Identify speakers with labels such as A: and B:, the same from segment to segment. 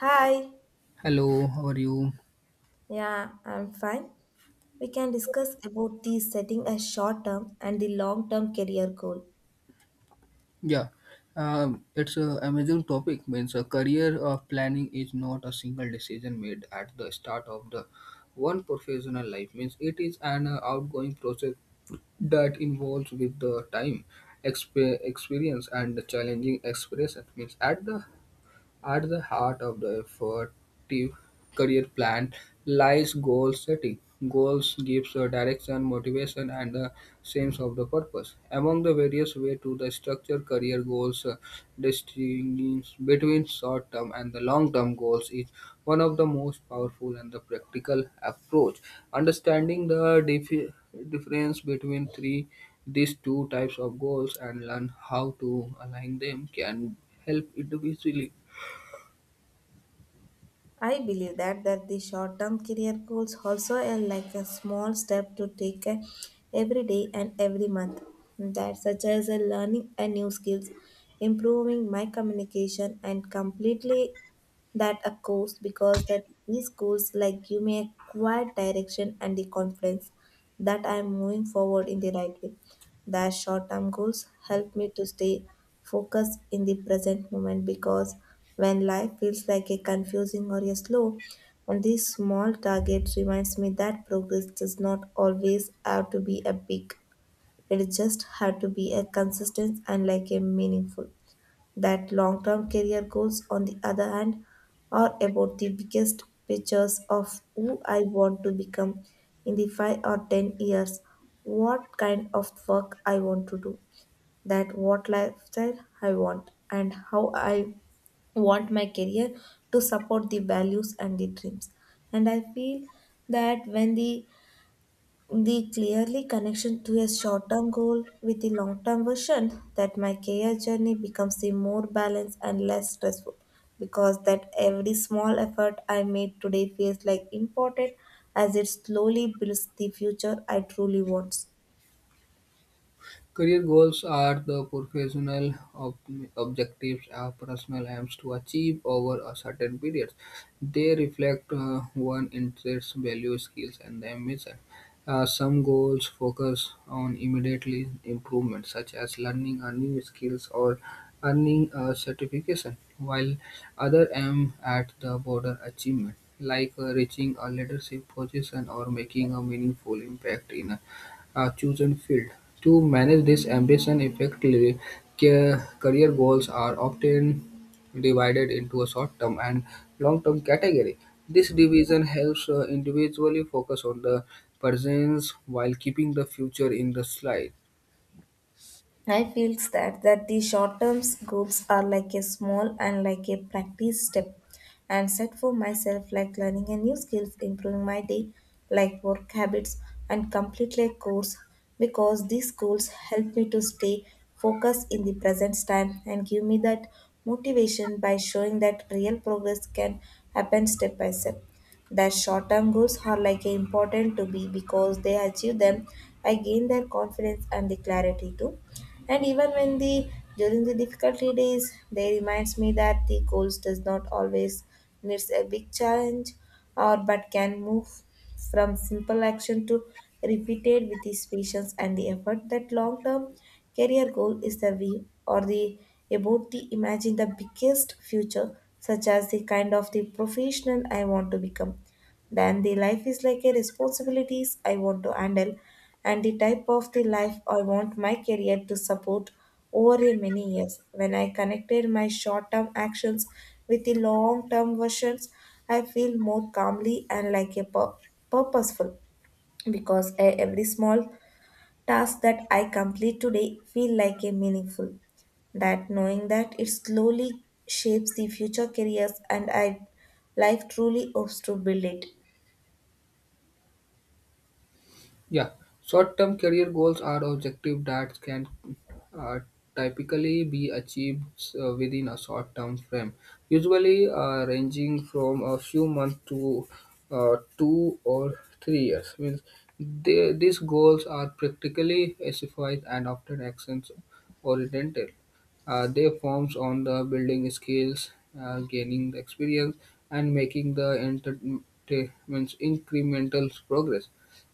A: Hi.
B: Hello, how are you?
A: Yeah, I'm fine. We can discuss about the setting a short term and the long term career goal.
B: Yeah, it's a amazing topic. Means a career of planning is not a single decision made at the start of the one professional life. Means it is an outgoing process that involves with the time, experience, and the challenging expression. Means at the At the heart of the effective career plan lies goal setting. Goals gives a direction, motivation, and a sense of the purpose. Among the various ways to the structure career goals, distinguishing between short-term and the long-term goals is one of the most powerful and the practical approach. Understanding the difference between three these two types of goals and learn how to align them can help individually.
A: I believe that the short term career goals also are like a small step to take every day and every month. That such as learning a new skills, improving my communication and completely that a course, because that these goals like give me a quiet direction and the confidence that I am moving forward in the right way. Their short term goals help me to stay focused in the present moment, because when life feels like a confusing or a slow, and these small targets reminds me that progress does not always have to be a big. It just have to be a consistent and like a meaningful, that long term career goals, on the other hand, are about the biggest pictures of who I want to become in the 5 or 10 years, what kind of work I want to do, that what lifestyle I want, and how I want my career to support the values and the dreams. And I feel that when the clearly connection to a short-term goal with the long-term version, that my career journey becomes the more balanced and less stressful, because that every small effort I made today feels like important as it slowly builds the future I truly want.
B: Career goals are the professional objectives or personal aims to achieve over a certain period. They reflect one interests, values, skills, and ambition. Some goals focus on immediately improvement, such as learning a new skills or earning a certification, while other aim at the broader achievement, like reaching a leadership position or making a meaningful impact in a chosen field. To manage this ambition effectively, career goals are often divided into a short-term and long-term category. This division helps individually focus on the present while keeping the future in the slide.
A: I feels that the short-term goals are like a small and like a practice step and set for myself, like learning a new skills, improving my day, like work habits and complete like course, because these goals help me to stay focused in the present time and give me that motivation by showing that real progress can happen step by step. That short-term goals are like important to be, because they achieve them, I gain their confidence and the clarity too. And even when the during the difficulty days, they reminds me that the goals does not always needs a big challenge or but can move from simple action to repeated with this patience and the effort. That long term career goal is the view or the about the imagine the biggest future, such as the kind of the professional I want to become, then the life is like a responsibilities I want to handle, and the type of the life I want my career to support over a many years. When I connected my short-term actions with the long-term versions, I feel more calmly and like a purposeful, because every small task that I complete today feel like a meaningful, that knowing that it slowly shapes the future careers and I life truly hopes to build it.
B: Yeah, short-term career goals are objectives that can uh, typically be achieved within a short-term frame, usually ranging from a few months to 2 or 3 years. These goals are practically specified and often actions-oriented. They forms on the building skills, gaining the experience, and making the means incremental progress.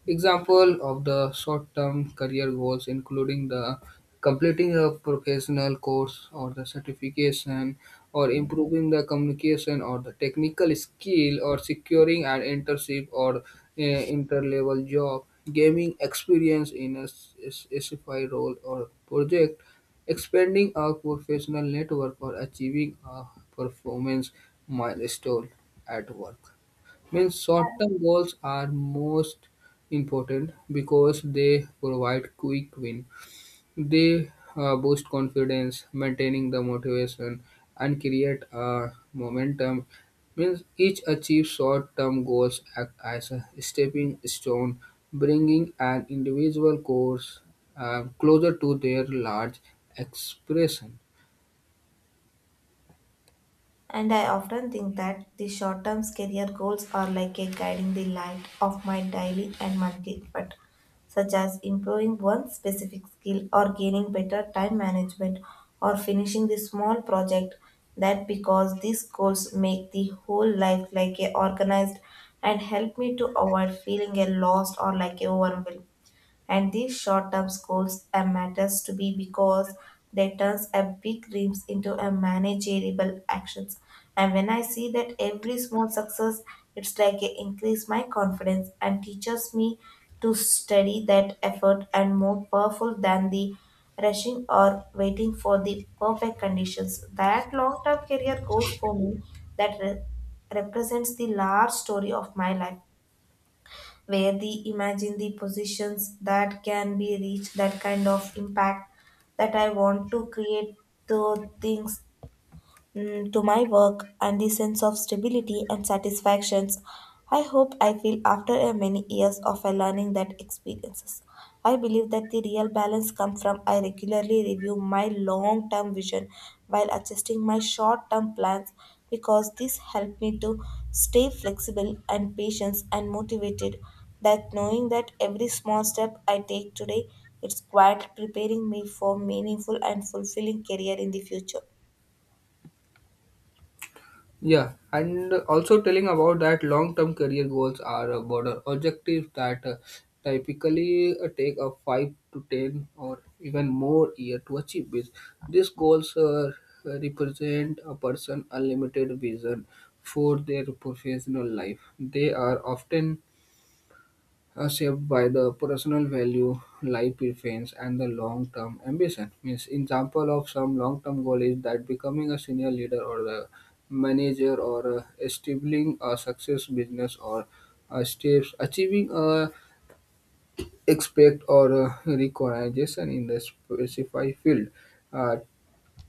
B: Example of the short-term career goals including the completing a professional course or the certification or improving the communication or the technical skill or securing an internship or inter-level job, gaining experience in a specified role or project, expanding our professional network or achieving a performance milestone at work. Means short-term goals are most important because they provide quick win. They boost confidence, maintaining the motivation, and create a momentum. Means each achieve short-term goals act as a stepping stone, bringing an individual course closer to their large expression.
A: And I often think that the short term career goals are like a guiding the light of my daily and monthly effort, such as improving one specific skill or gaining better time management or finishing the small project, that because these goals make the whole life like a organized and help me to avoid feeling a lost or like a overwhelmed. And these short term goals are matters to be, because they turns a big dreams into a manageable actions. And when I see that every small success, it's like it increase my confidence and teaches me to study that effort and more powerful than the rushing or waiting for the perfect conditions. That long term career goals for me that represents the large story of my life, where the imagine the positions that can be reached, that kind of impact that I want to create, the things mm, to my work and the sense of stability and satisfactions I hope I feel after a many years of a learning that experiences. I believe that the real balance comes from I regularly review my long term vision while adjusting my short term plans, because this helped me to stay flexible and patient and motivated, that knowing that every small step I take today it's quite preparing me for meaningful and fulfilling career in the future.
B: Yeah, and also telling about that long-term career goals are broader objectives that typically take a 5 to 10 or even more year to achieve. This. These goals represent a person unlimited vision for their professional life. They are often are shaped by the personal value, life preference, and the long-term ambition. Means example of some long-term goal is that becoming a senior leader or the manager or establishing a success business or steps achieving a expect or recognition in the specified field. Uh,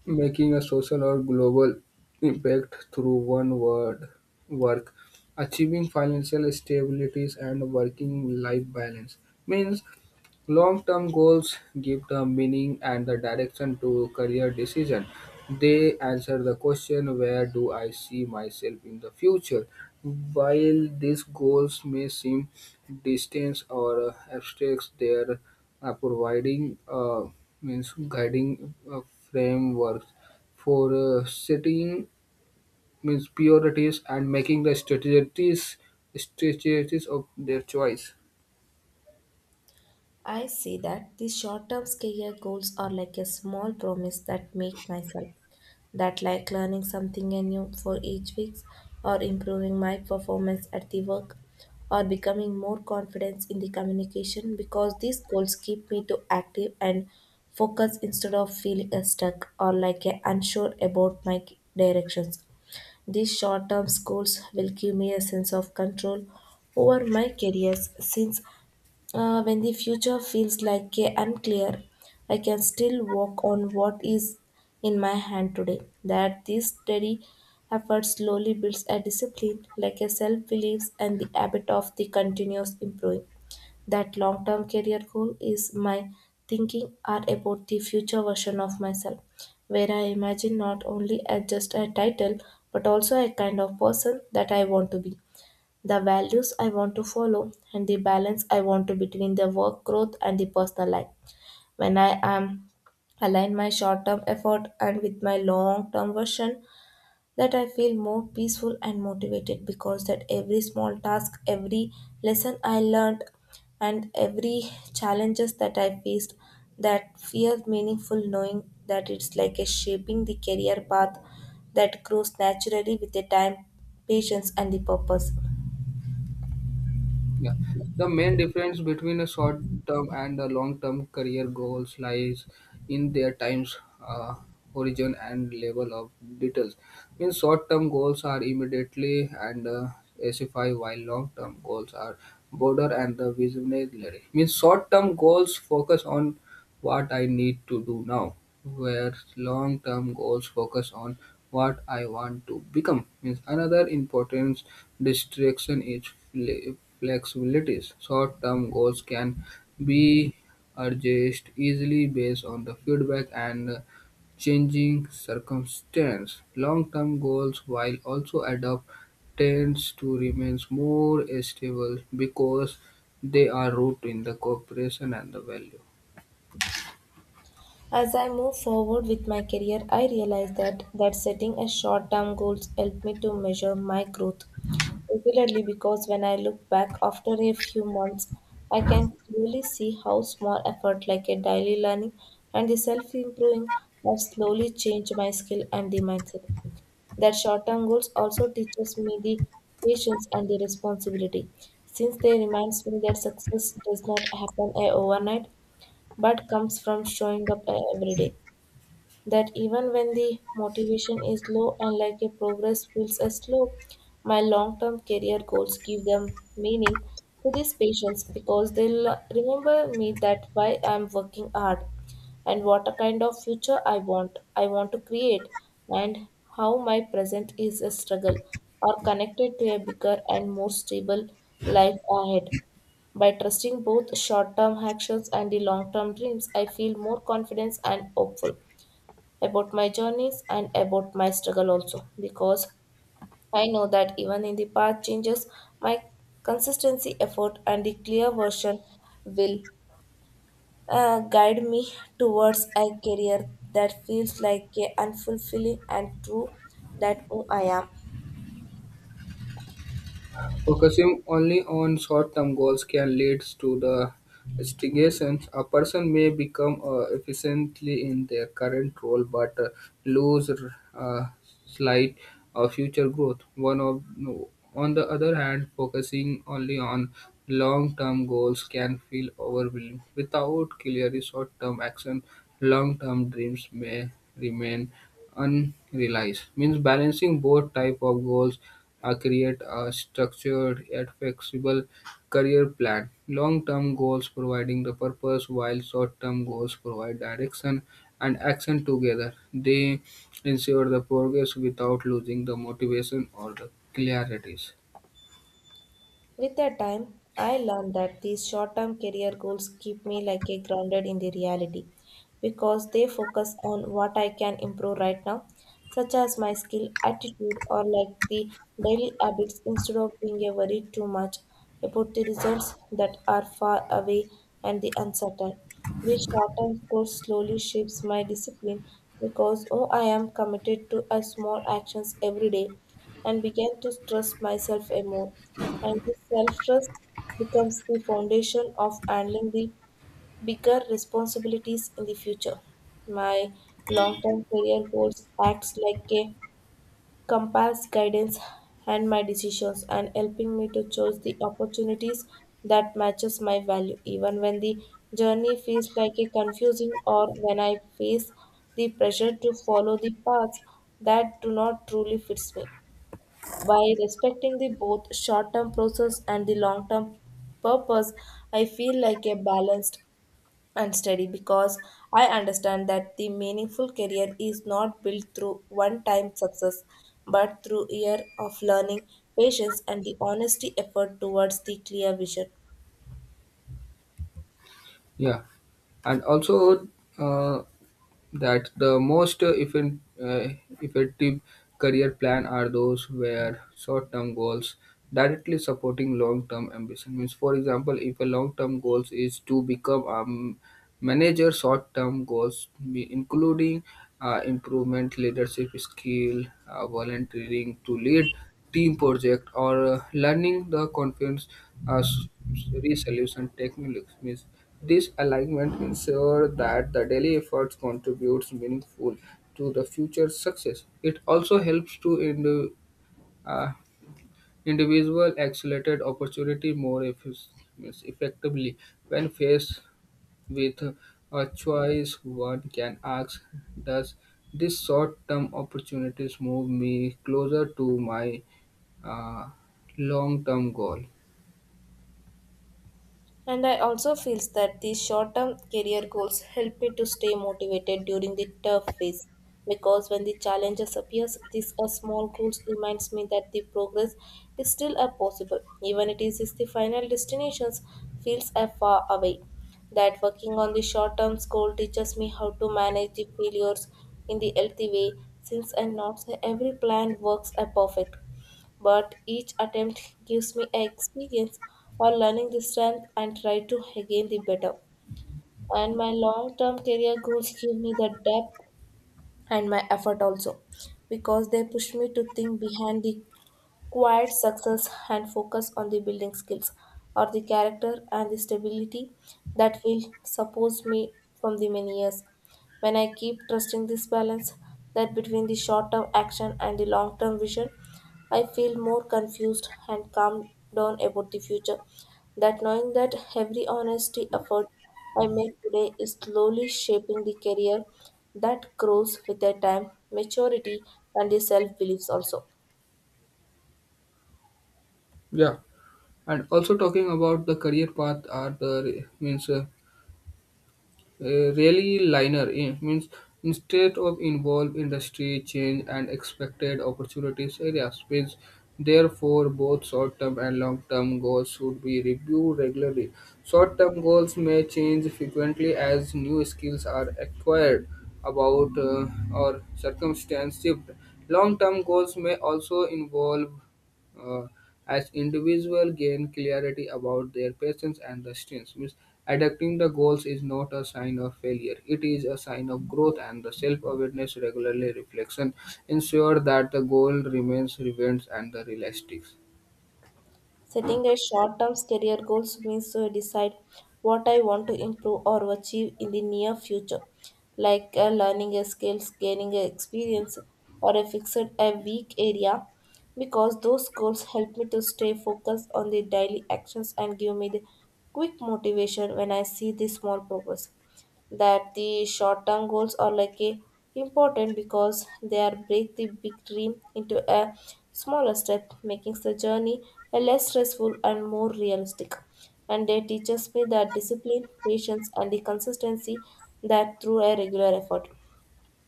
B: making a social or global impact through one word work achieving financial stabilities and working life balance means long-term goals give the meaning and the direction to career decision. They answer the question, where do I see myself in the future? While these goals may seem distant or abstract, they are providing means guiding frameworks for setting means priorities and making the strategies of their choice.
A: I see that these short-term career goals are like a small promise that make myself, that like learning something new for each week or improving my performance at the work or becoming more confident in the communication, because these goals keep me to active and focus instead of feeling stuck or like unsure about my directions. These short term goals will give me a sense of control over my careers, since when the future feels like a unclear, I can still walk on what is in my hand today. That this steady effort slowly builds a discipline, like a self belief and the habit of the continuous improving. That long term career goal is my thinking are about the future version of myself, where I imagine not only as just a title but also a kind of person that I want to be, the values I want to follow, and the balance I want to between the work growth and the personal life. When I am align my short-term effort and with my long-term version, that I feel more peaceful and motivated, because that every small task, every lesson I learned, and every challenges that I faced, that feels meaningful knowing that it's like a shaping the career path that grows naturally with the time, patience, and the purpose.
B: Yeah. The main difference between a short term and a long term career goals lies in their times uh, horizon and level of details. In short term goals are immediately and specify while long term goals are broader and the visionary. Means short term goals focus on what I need to do now, whereas long-term goals focus on what I want to become. Means another important distraction is flexibilities. Short-term goals can be adjusted easily based on the feedback and changing circumstance. Long-term goals, while also adopt, tends to remain more stable because they are rooted in the cooperation and the value.
A: As I move forward with my career, I realize that, that setting a short-term goals helped me to measure my growth regularly, because when I look back after a few months, I can clearly see how small effort like a daily learning and the self-improving have slowly changed my skill and the mindset. That short-term goals also teaches me the patience and the responsibility, since they reminds me that success does not happen overnight but comes from showing up every day. That even when the motivation is low and like a progress feels as slow, my long-term career goals give them meaning to these patients, because they'll remember me that why I'm working hard and what a kind of future I want to create, and how my present is a struggle or connected to a bigger and more stable life ahead. By trusting both short term actions and the long term dreams, I feel more confident and hopeful about my journeys and about my struggle also, because I know that even in the path changes, my consistency, effort, and the clear version will guide me towards a career that feels like a unfulfilling and true that who I am.
B: Focusing only on short-term goals can lead to the stagnation. A person may become efficiently in their current role but lose uh, slight future growth. One of no. On the other hand, focusing only on long-term goals can feel overwhelming. Without clear short-term action, long-term dreams may remain unrealized means balancing both type of goals create a structured yet flexible career plan long-term goals providing the purpose while short-term goals provide direction and action together they ensure the progress without losing the motivation or the clarities.
A: With the time, I learned that these short-term career goals keep me like a grounded in the reality, because they focus on what I can improve right now, such as my skill, attitude, or like the daily habits, instead of being a worried too much about the results that are far away and the uncertain. This short-term goal slowly shapes my discipline, because oh, I am committed to a small actions every day and began to trust myself a more, and his self-trust becomes the foundation of handling the bigger responsibilities in the future. My long-term career goals acts like a compass guidance and my decisions and helping me to choose the opportunities that matches my value, even when the journey feels like a confusing or when I face the pressure to follow the paths that do not truly fits me. By respecting the both short-term process and the long-term purpose, I feel like a balanced and steady, because I understand that the meaningful career is not built through one-time success, but through year of learning, patience, and the honesty effort towards the clear vision.
B: Yeah, and also uh, that the most effective career plan are those where short-term goals directly supporting long-term ambition means for example if a long-term goal is to become manager short-term goals may including improvement leadership skill, volunteering to lead team project, or learning the confidence uh, s- resolution techniques. Means this alignment ensure that the daily efforts contributes meaningful to the future success. It also helps to uh, individual accelerated opportunity means effectively when faced with a choice, one can ask, does this short-term opportunity move me closer to my uh, long-term goal?
A: And I also feels that these short-term career goals help me to stay motivated during the tough phase, because when the challenges appears, these are small goals reminds me that the progress is still a possible, even it is the final destinations feels a far away. That working on the short-term goal teaches me how to manage the failures in the healthy way, since I not say every plan works a perfect, but each attempt gives me a experience or learning the strength and try to again the better. And my long term career goals give me the depth and my effort also, because they push me to think behind the quiet success and focus on the building skills or the character and the stability that will support me from the many years. When I keep trusting this balance that between the short term action and the long term vision, I feel more confused and calm down about the future. That knowing that every honesty effort I make today is slowly shaping the career that grows with the time, maturity, and the self beliefs also.
B: Yeah, and also talking about the career path are the means really liner in means instead of involve industry change and expected opportunities areas means therefore both short-term and long-term goals should be reviewed regularly short-term goals may change frequently as new skills are acquired about or circumstance shift long-term goals may also involve uh, as individuals gain clarity about their passions and destinies. Means adapting the goals is not a sign of failure. It is a sign of growth and the self-awareness regularly reflection ensure that the goal remains relevant and the realistic.
A: Setting a short term career goals means to decide what I want to improve or achieve in the near future, like learning a skill, gaining a experience, or a fixed a weak area, because those goals help me to stay focused on the daily actions and give me the quick motivation when I see the small progress. That the short term goals are like a important because they are break the big dream into a smaller step, making the journey a less stressful and more realistic, and they teaches me that discipline patience and the consistency that through a regular effort.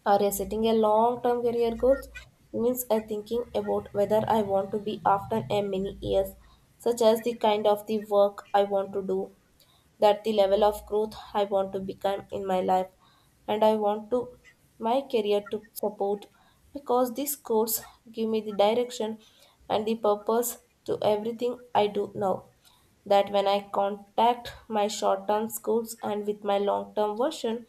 A: Or a setting a long term career goals means I thinking about whether I want to be after a many years, such as the kind of the work I want to do, that the level of growth I want to become in my life and I want to my career to support, because these course give me the direction and the purpose to everything I do now. That when I contact my short term goals and with my long term version,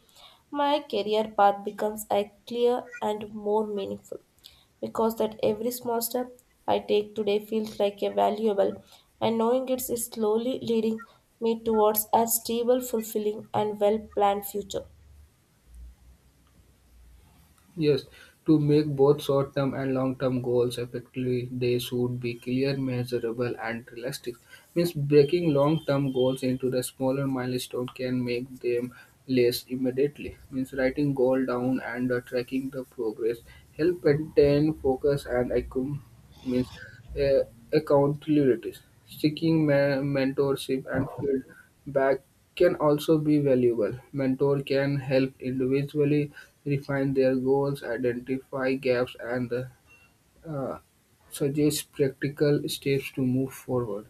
A: my career path becomes a clear and more meaningful, because that every small step I take today feels like a valuable and knowing it is slowly leading me towards a stable, fulfilling and well-planned future.
B: Yes, to make both short term and long term goals effectively, they should be clear, measurable, and realistic. Means breaking long term goals into the smaller milestone can make them less immediately. Means writing goal down and tracking the progress help maintain focus and means uh, accountabilities. Seeking mentorship and field back can also be valuable. Mentor can help individually refine their goals, identify gaps, and uh, suggest practical steps to move forward.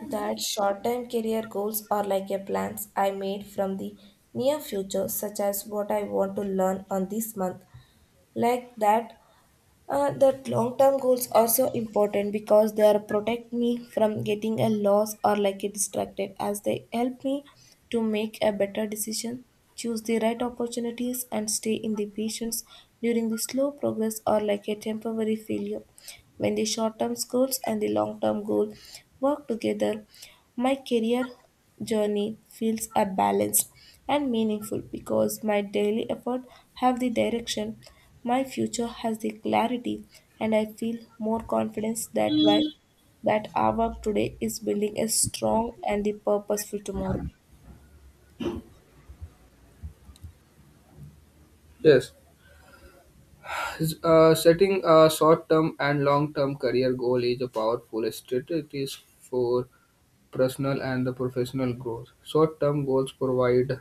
A: That short-term career goals are like a plans I made from the near future, such as what I want to learn on this month. Like that. That long-term goals are so important because they are protect me from getting a loss or like a distracted, as they help me to make a better decision, choose the right opportunities and stay in the patience during the slow progress or like a temporary failure. When the short-term goals and the long-term goal work together, my career journey feels a balanced and meaningful, because my daily effort have the direction, my future has the clarity, and I feel more confidence that why that our work today is building a strong and the purposeful tomorrow.
B: Yes, setting a short-term and long-term career goal is a powerful strategy for personal and the professional growth. Short-term goals provide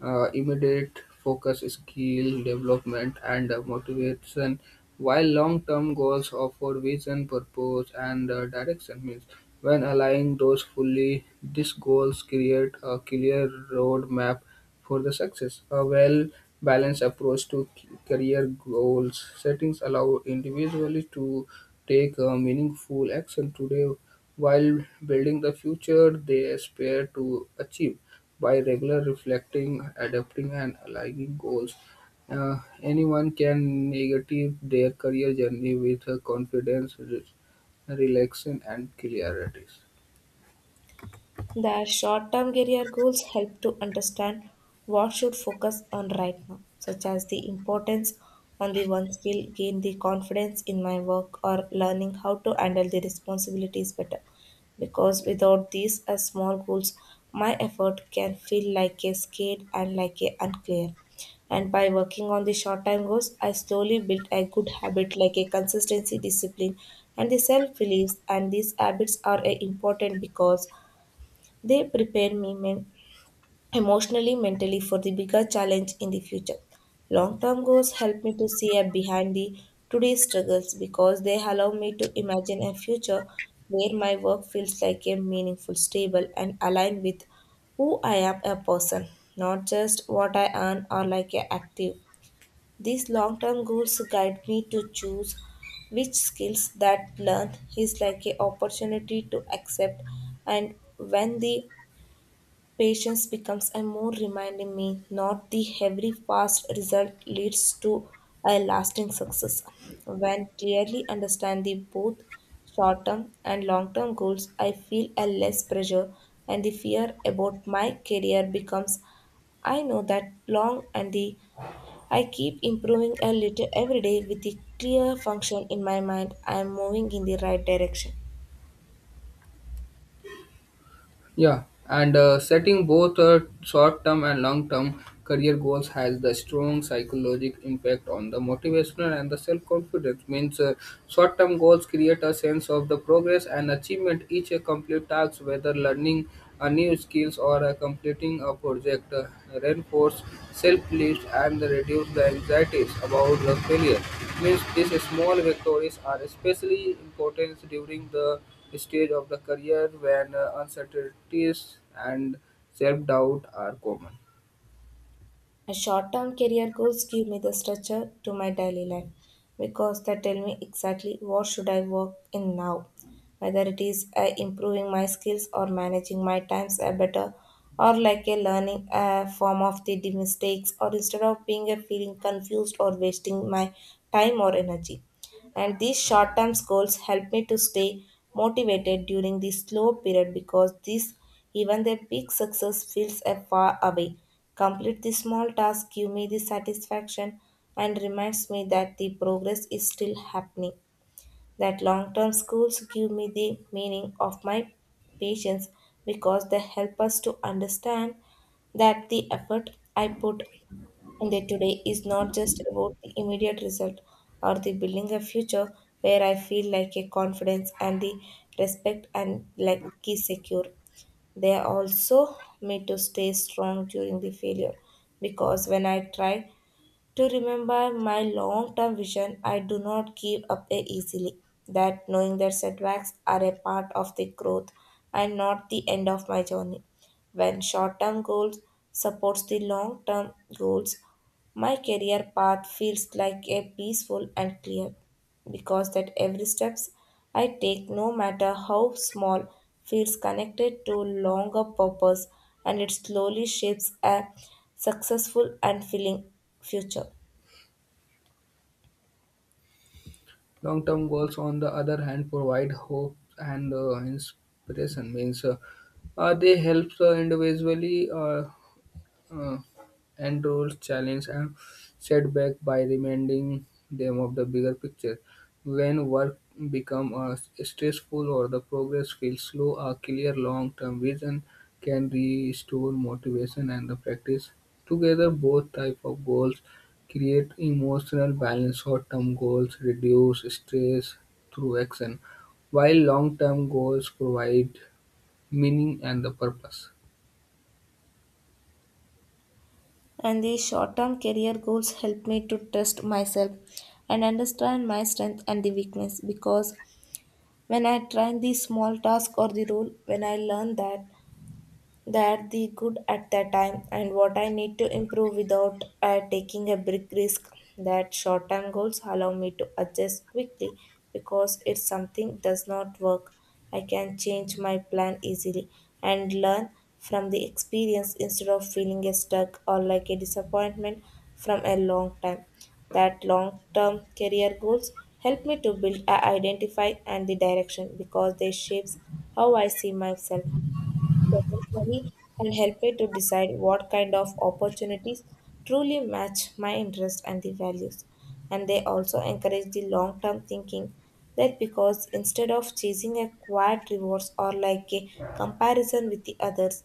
B: immediate focus, skill development, and motivation, while long-term goals offer vision, purpose, and direction. Means when aligning those fully, these goals create a clear roadmap for the success. A well-balanced approach to career goals settings allow individually to take a meaningful action today while building the future they aspire to achieve. By regular reflecting, adapting, and aligning goals, anyone can navigate their career journey with confidence, relaxation, and clarity.
A: Their short-term career goals help to understand what should focus on right now, such as the importance on the one skill, gain the confidence in my work, or learning how to handle the responsibilities better. Because without these as small goals, my effort can feel like a skate and like a unclear. And by working on the short time goals, I slowly built a good habit like a consistency, discipline, and the self-beliefs. And these habits are important because they prepare me emotionally, mentally for the bigger challenge in the future. Long term goals help me to see a behind the today's struggles, because they allow me to imagine a future where my work feels like a meaningful, stable, and aligned with who I am a person, not just what I earn or like a active. These long term goals guide me to choose which skills that learn is like a opportunity to accept, and when the patience becomes a more reminding me, not the every fast result leads to a lasting success. When clearly understand the both short-term and long-term goals, I feel a less pressure and the fear about my career becomes. I know that long and the I keep improving a little every day with the clear function in my mind. I am moving in the right direction.
B: Yeah, and setting both short-term and long-term career goals has the strong psychological impact on the motivational and the self-confidence. Means short-term goals create a sense of the progress and achievement. Each complete task, whether learning a new skills or completing a project, reinforce self-belief and reduce the anxieties about the failure. Means these small victories are especially important during the stage of the career when uncertainties and self doubt are common.
A: My short term career goals give me the structure to my daily life, because they tell me exactly what should I work in now, whether it is improving my skills or managing my times better, or like a learning form of the mistakes, or instead of being a feeling confused or wasting my time or energy. And these short term goals help me to stay motivated during the slow period, because this even the big success feels a far away. Complete the small task give me the satisfaction and reminds me that the progress is still happening. That long term schools give me the meaning of my patience, because they help us to understand that the effort I put in the today is not just about the immediate result or the building a future where I feel like a confidence and the respect and like key secure. They also made to stay strong during the failure, because when I tried to remember my long term vision, I do not give up easily. That knowing that setbacks are a part of the growth and not the end of my journey. When short term goals supports the long term goals, my career path feels like a peaceful and clear, because that every steps I take, no matter how small, feels connected to longer purpose, and it slowly shapes a successful and filling future.
B: Long term goals, on the other hand, provide hope and inspiration, means they help individually. Uh, and rules, challenge, and setback by reminding them of the bigger picture. When work becomes stressful or the progress feels slow, a clear long-term vision can restore motivation and the practice. Together, both type of goals create emotional balance. Short-term goals reduce stress through action, while long-term goals provide meaning and the purpose.
A: And these short-term career goals help me to test myself and understand my strength and the weakness, because when I try the small task or the role, when I learn that that the good at that time and what I need to improve without taking a big risk. That short term goals allow me to adjust quickly, because if something does not work, I can change my plan easily and learn from the experience instead of feeling a stuck or like a disappointment from a long time. That long term career goals help me to build a identify and the direction, because they shapes how I see myself professionally and help me to decide what kind of opportunities truly match my interests and the values. And they also encourage the long term thinking that, because instead of chasing a quiet rewards or like a comparison with the others,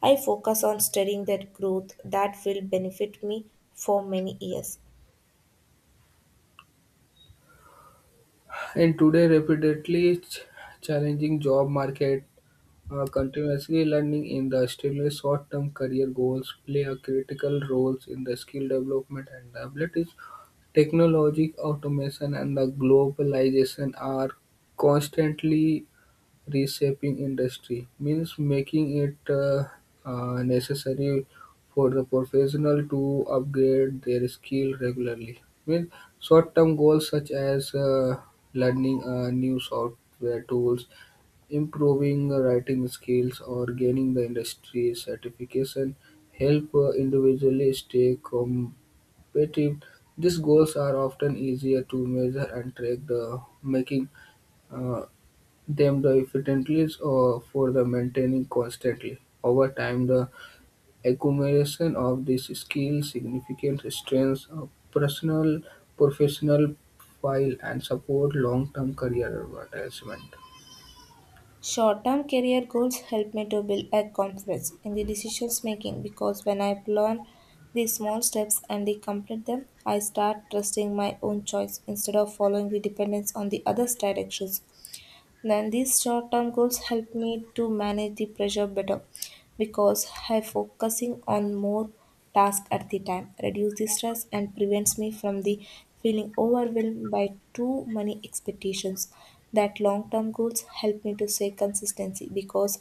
A: I focus on studying that growth that will benefit me for many years.
B: In today rapidly challenging job market, continuously learning in the extremely short-term career goals play a critical role in the skill development and abilities. Technology, automation, and the globalization are constantly reshaping industry means making it necessary for the professional to upgrade their skill regularly. Means short-term goals such as learning new software tools, improving writing skills, or gaining the industry certification help individually stay competitive. These goals are often easier to measure and track, the making. Uh, Them the efficiencies for the maintaining constantly, over time, the accumulation of these skills significant strengthens a personal professional file and support long-term career advancement.
A: Short-term career goals help me to build a confidence in the decisions making, because when I plan the small steps and they complete them, I start trusting my own choice instead of following the dependence on the other's directions. Then these short-term goals help me to manage the pressure better, because I focusing on more tasks at the time, reduce the stress and prevents me from the feeling overwhelmed by too many expectations. That long-term goals help me to stay consistency, because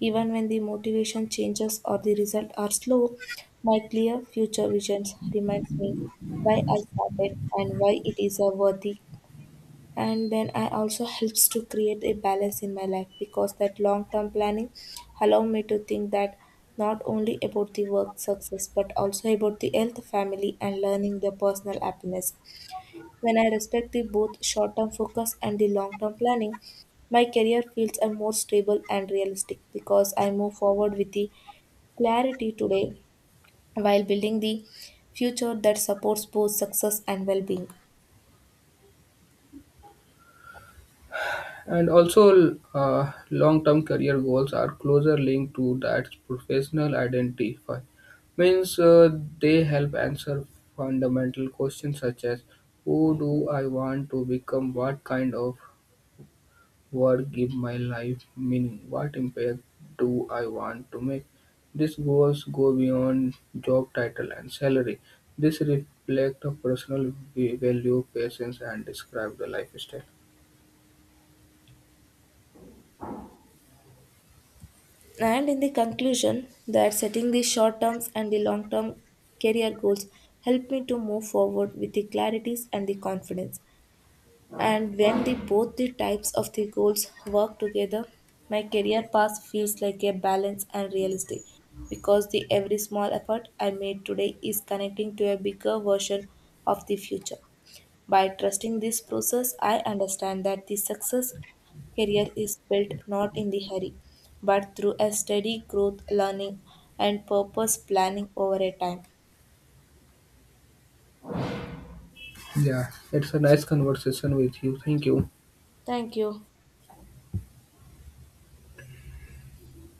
A: even when the motivation changes or the result are slow, my clear future visions reminds me why I started and why it is a worthy. And then I also helps to create a balance in my life, because that long term planning allow me to think that not only about the work success but also about the health family and learning the personal happiness. When I respect the both short term focus and the long term planning, my career feels a more stable and realistic, because I move forward with the clarity today while building the future that supports both success and well being.
B: And also, long-term career goals are closer linked to that professional identify. Means they help answer fundamental questions such as who do I want to become, what kind of what give my life meaning? What impact do I want to make? These goals go beyond job title and salary. This reflect a personal value, patience, and describe the lifestyle.
A: And in the conclusion, that setting the short terms and the long term career goals help me to move forward with the clarities and the confidence. And when the both the types of the goals work together, my career path feels like a balance and realistic, because the every small effort I made today is connecting to a bigger version of the future. By trusting this process, I understand that the success career is built not in the hurry, but through a steady growth, learning, and purpose planning over a time.
B: Yeah, it's a nice conversation with you. Thank you.
A: Thank you.